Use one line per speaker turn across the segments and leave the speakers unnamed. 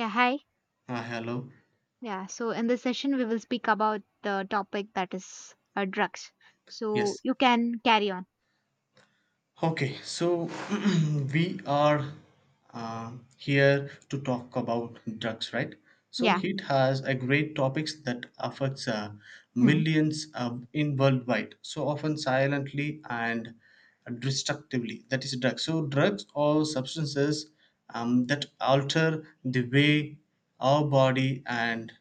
Yeah, hi.
Hello.
Yeah, so in this session, we will speak about the topic that is drugs. So
Yes.
you can carry on.
Okay. So we are here to talk about drugs, right? So
Yeah.
it has a great topics that affects
Hmm.
millions in worldwide. So often silently and destructively. That is drugs. So drugs or substances that alter the way our body and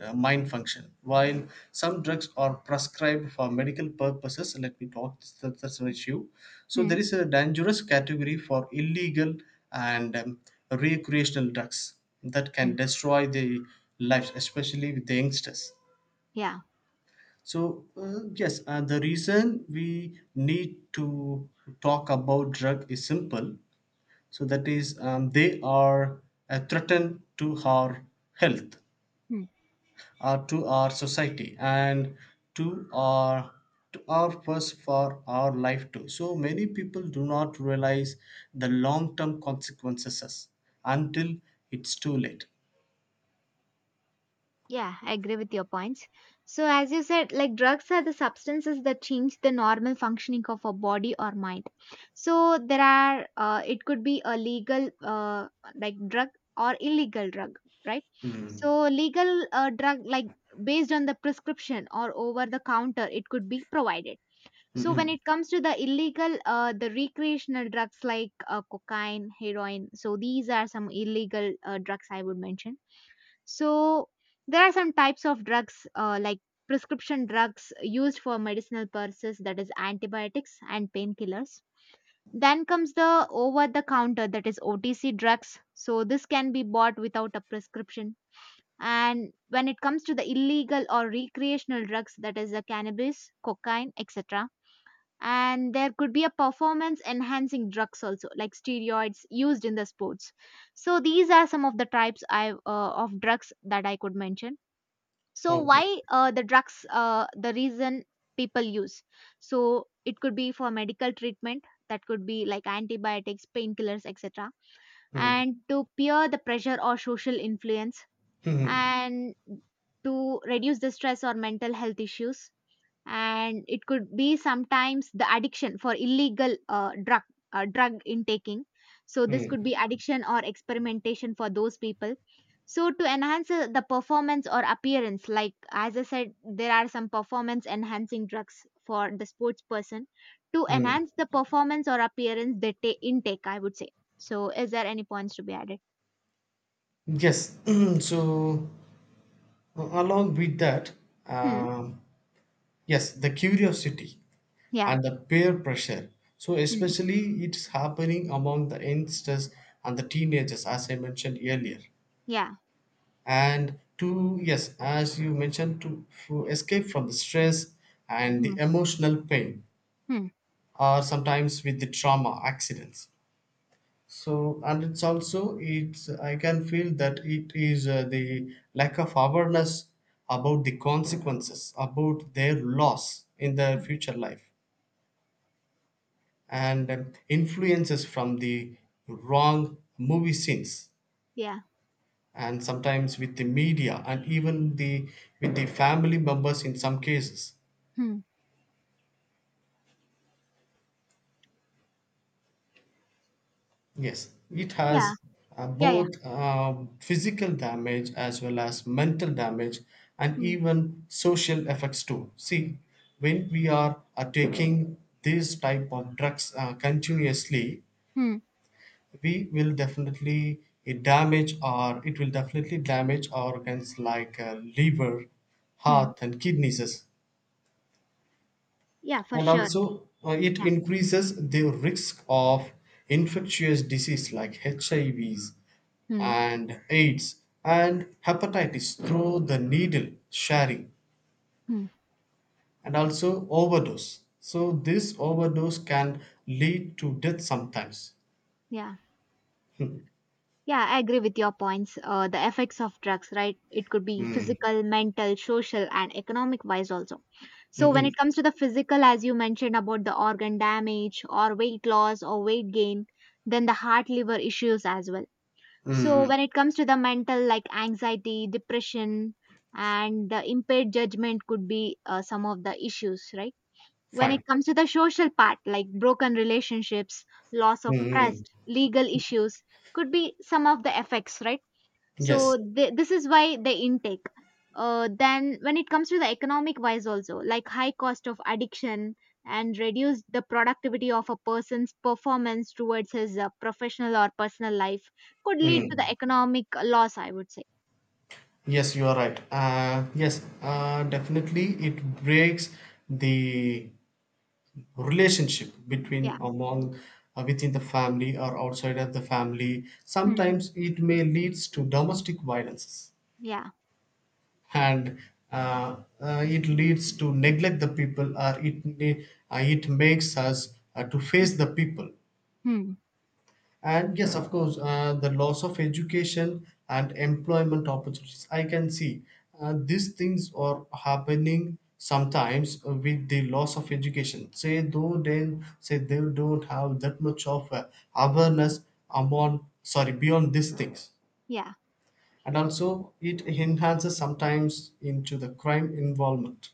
mind function. While some drugs are prescribed for medical purposes, let me talk, that's an issue. So,
Hmm.
there is a dangerous category for illegal and recreational drugs that
Hmm.
can destroy the lives, especially with the youngsters.
Yeah.
So, yes, the reason we need to talk about drug is simple. So, that is, they are a threat to our health,
Hmm.
to our society and to our to our purpose for our life too. So many people do not realize the long term consequences
hmm.
until it's too late.
Yeah, I agree with your points. So as you said, like drugs are the substances that change the normal functioning of a body or mind. So there are, it could be a legal, like drug or illegal drug, right?
Mm.
So legal drug, like based on the prescription or over the counter, it could be provided. So when
Mm-mm.
it comes to the illegal, the recreational drugs like cocaine, heroin, so these are some illegal drugs I would mention. So there are some types of drugs like prescription drugs used for medicinal purposes, that is antibiotics and painkillers. Then comes the over the counter, that is OTC drugs. So this can be bought without a prescription. And when it comes to the illegal or recreational drugs, that is the cannabis, cocaine, etc. And there could be a performance enhancing drugs also like steroids used in the sports. So these are some of the types I of drugs that I could mention. So
Okay.
why the drugs, the reason people use, so it could be for medical treatment, that could be like antibiotics, painkillers, etc.
Mm.
And to peer the pressure or social influence,
Mm.
and to reduce the stress or mental health issues, and it could be sometimes the addiction for illegal drug drug intaking. So this could
Mm.
be addiction or experimentation for those people. So to enhance the performance or appearance, like as I said, there are some performance enhancing drugs for the sports person. To
Mm.
enhance the performance or appearance, they intake, I would say. So is there any points to be added?
Yes, so along with that,
Hmm.
um, yes, the curiosity,
Yeah.
and the peer pressure. So
Hmm.
especially it's happening among the youngsters and the teenagers, as I mentioned earlier.
Yeah.
And to yes, as you mentioned, to escape from the stress and the
Hmm.
emotional pain,
Hmm.
or sometimes with the trauma accidents. So and it's also it's I can feel that it is the lack of awareness about the consequences, about their loss in their
Hmm.
future life, and influences from the wrong movie scenes,
Yeah.
and sometimes with the media and even the with the family members in some cases.
Hmm.
Yes, it
Yeah.
has
Yeah. Yeah.
both physical damage as well as mental damage, and
Hmm.
even social effects too. See, when we are taking this type of drugs continuously,
Hmm.
we will definitely it damage, or it will definitely damage organs like liver,
Hmm.
heart and kidneys.
Yeah, for
And
sure.
also it
Yeah.
increases the risk of infectious disease like hivs
Hmm.
and aids and hepatitis through the needle sharing,
Hmm.
and also overdose. So this overdose can lead to death sometimes.
Yeah. Yeah, I agree with your points. The effects of drugs, right? It could be
Mm.
physical, mental, social, and economic wise also. So, when
Mm-mm.
it comes to the physical, as you mentioned about the organ damage or weight loss or weight gain, then the heart liver issues as well. So,
Mm-mm.
when it comes to the mental, like anxiety, depression, and the impaired judgment could be some of the issues, right? When
Fine.
it comes to the social part, like broken relationships, loss of
Mm-mm.
trust, legal issues, could be some of the effects, right?
Yes.
So this is why the intake. Then when it comes to the economic wise also, like high cost of addiction and reduce the productivity of a person's performance towards his professional or personal life could lead to the
Mm.
economic loss, I would say.
Yes, you are right. Yes, definitely, it breaks the relationship between
Yeah.
among within the family or outside of the family.
Hmm.
Sometimes it may leads to domestic violences,
Yeah.
and uh, it leads to neglect the people, or it makes us to
Hmm.
face the people.
Hmm.
And yes, of course, the loss of education and employment opportunities. I can see these things are happening sometimes with the loss of education. Say though then say they don't have that much of awareness among sorry beyond these things,
Yeah.
and also it enhances sometimes into the crime involvement.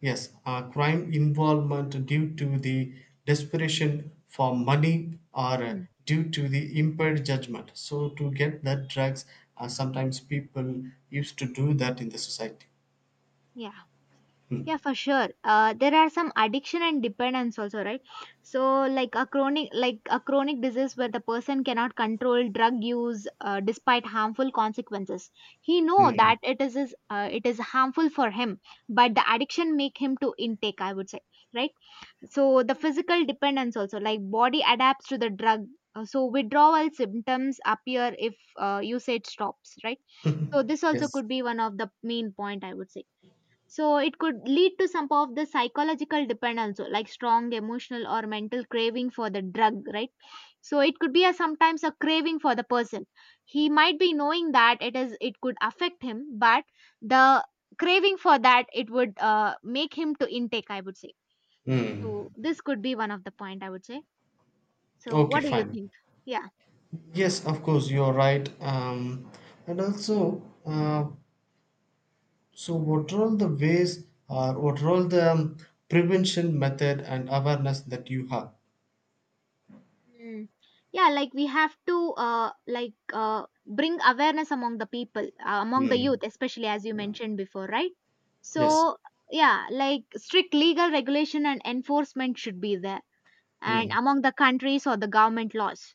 Yes, crime involvement due to the desperation for money or
Hmm.
due to the impaired judgment. So to get that drugs, sometimes people used to do that in the society.
Yeah. Yeah, for sure. There are some addiction and dependence also, right? So, like a chronic disease where the person cannot control drug use despite harmful consequences. He know
Hmm.
that it is his, it is harmful for him, but the addiction make him to intake, I would say, right? So the physical dependence also, like body adapts to the drug. So withdrawal symptoms appear if usage stops, right? So this also
Yes.
could be one of the main point, I would say. So it could lead to some of the psychological dependence, so like strong emotional or mental craving for the drug, right? So it could be a sometimes a craving for the person. He might be knowing that it is it could affect him, but the craving for that, it would make him to intake, I would say. So
Hmm.
this could be one of the point, I would say. So
Okay,
what do you
fine.
think? Yeah.
Yes, of course, you're right. And also, so what are all the ways, or what are all the prevention method and awareness that you have?
Mm. Yeah, like we have to bring awareness among the people, among the
Hmm.
youth, especially as you mentioned before, right?
Yes.
So yeah, like strict legal regulation and enforcement should be there, and
Hmm.
among the countries or the government laws.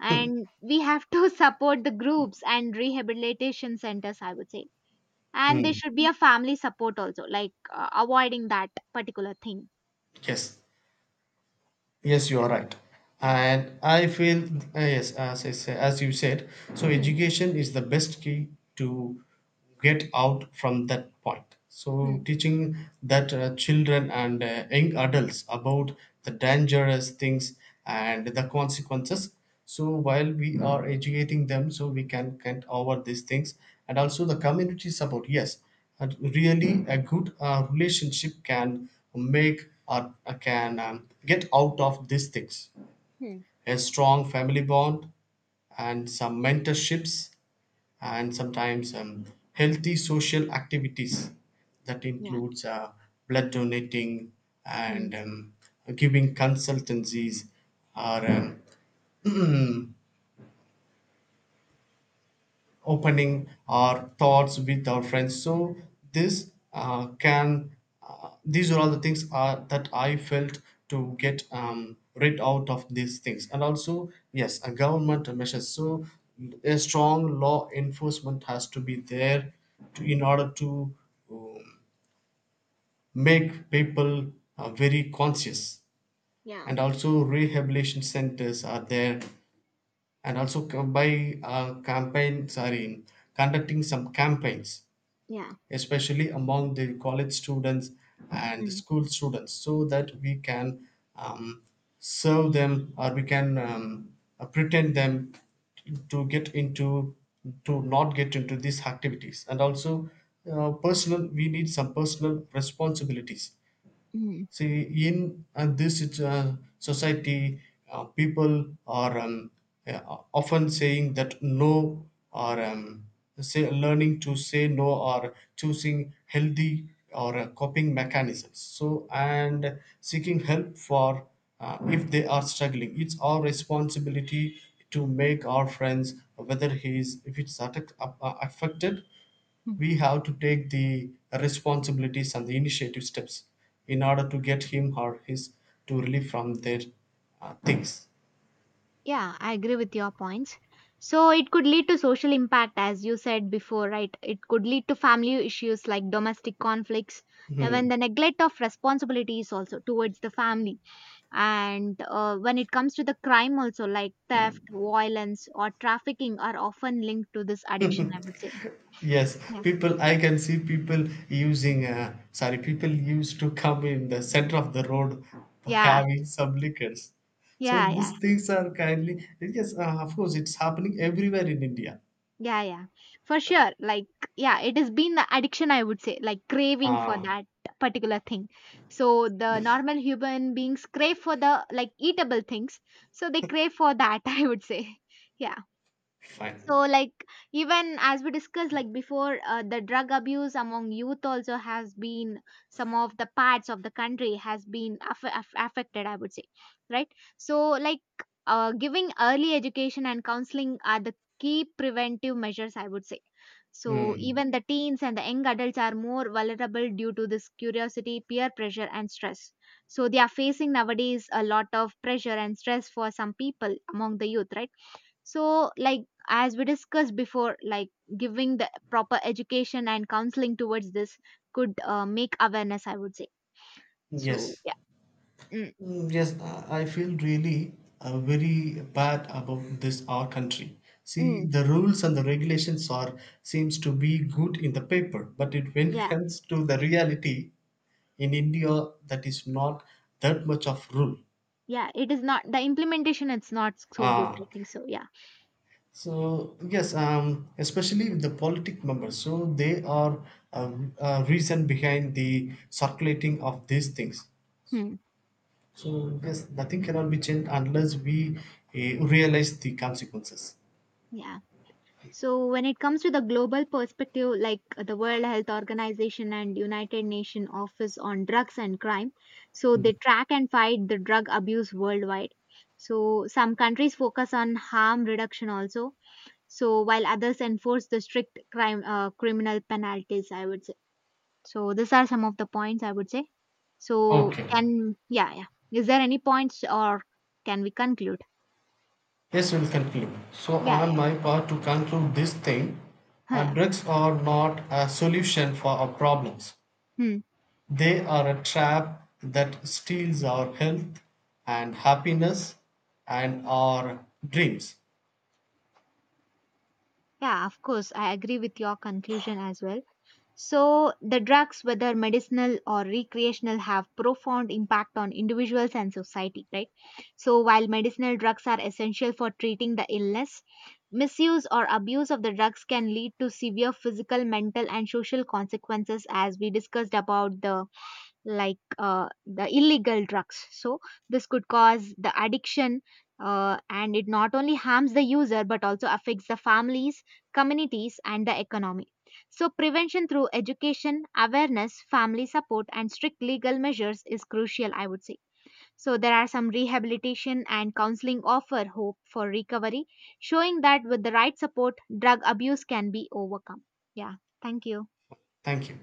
And we have to support the groups and rehabilitation centers, I would say. And there
Hmm.
should be a family support also, like avoiding that particular thing.
Yes. Yes, you
Yeah.
are right.
Yeah.
And I feel, yes, as I say, as you said, so
Hmm.
education is the best key to get out from that point. So
Hmm.
teaching that children and young adults about the dangerous things and the consequences. So while we are educating them, so we can get over these things, and also the community support. Yes, and really, a good relationship can make, or can get out of these things.
Hmm.
A strong family bond and some mentorships, and sometimes healthy social activities that
Yeah.
includes blood donating
Hmm.
and giving consultancies, or opening our thoughts with our friends. So this can these are all the things that I felt to get rid out of these things. And also yes, a government measures, so a strong law enforcement has to be there to, in order to um, make people very conscious,
Yeah.
and also rehabilitation centers are there, and also co- by campaigns are in conducting some campaigns
Yeah.
especially among the college students and the
Hmm.
school students, so that we can um, serve them, or we can pretend them to get into to not get into these activities. And also personal we need some personal responsibilities.
Mhm.
See, in this society, people are uh, often saying that no, or say, learning to say no, or choosing healthy or coping mechanisms. So, and seeking help for if they are struggling. It's our responsibility to make our friends, whether he is if it's attack, affected,
Mhm.
we have to take the responsibilities and the initiative steps in order to get him or his to relief from their things.
Yeah, I agree with your points. So it could lead to social impact, as you said before, right? It could lead to family issues like domestic conflicts, and when
Hmm.
the neglect of responsibilities also towards the family, and when it comes to the crime also, like theft, violence, or trafficking, are often linked to this addiction, I would say.
Yes,
Yeah.
people, I can see people using, sorry, people used to come in the center of the road
Yeah.
having some liquors. So
Yeah.
these
Yeah.
things are kindly, yes, of course, it's happening everywhere in India.
Yeah, yeah, for sure. Like, yeah, it has been the addiction, I would say, like craving for
Ah,
that particular thing. So the normal human beings crave for the like eatable things. So they crave for that, I would say. Yeah.
fine.
So like, even as we discussed like before, the drug abuse among youth also has been some of the parts of the country has been affected, I would say, right? So like, giving early education and counseling are the key preventive measures, I would say. So
Hmm.
even the teens and the young adults are more vulnerable due to this curiosity, peer pressure and stress. So they are facing nowadays a lot of pressure and stress for some people among the youth, right? So, like, as we discussed before, like, giving the proper education and counseling towards this could make awareness, I would say. So,
Yes.
yeah. Mm.
Mm, yes, I feel really very bad about this our country. See,
Mm.
the rules and the regulations are seems to be good in the paper, but it when it
Yeah.
comes to the reality in India, that is not that much of rule.
Yeah. It is not the implementation, it's not so good. I
Ah,
think so. Yeah.
so yes, especially with the politic members, so they are a, a reason behind the circulating of these things.
Hmm.
So yes, nothing cannot be changed unless we realize the consequences.
Yeah. So, when it comes to the global perspective, like the World Health Organization and United Nations Office on Drugs and Crime, so they track and fight the drug abuse worldwide. So, some countries focus on harm reduction also. So while others enforce the strict crime criminal penalties, I would say. So these are some of the points I would say. So
Okay.
can, yeah, yeah. Is there any points, or can we conclude?
Yes, we'll conclude. So,
Yeah,
on
yeah,
my part, to conclude this thing,
yeah.
drugs are not a solution for our problems.
Hmm.
They are a trap that steals our health and happiness and our dreams.
Yeah, of course. I agree with your conclusion as well. So, the drugs, whether medicinal or recreational, have profound impact on individuals and society, right? So, while medicinal drugs are essential for treating the illness, misuse or abuse of the drugs can lead to severe physical, mental, and social consequences, as we discussed about the like the illegal drugs. So this could cause the addiction, and it not only harms the user but also affects the families, communities, and the economy. So prevention through education, awareness, family support, and strict legal measures is crucial, I would say. So there are some rehabilitation and counseling offer hope for recovery, showing that with the right support, drug abuse can be overcome. Yeah, thank you.
Thank you.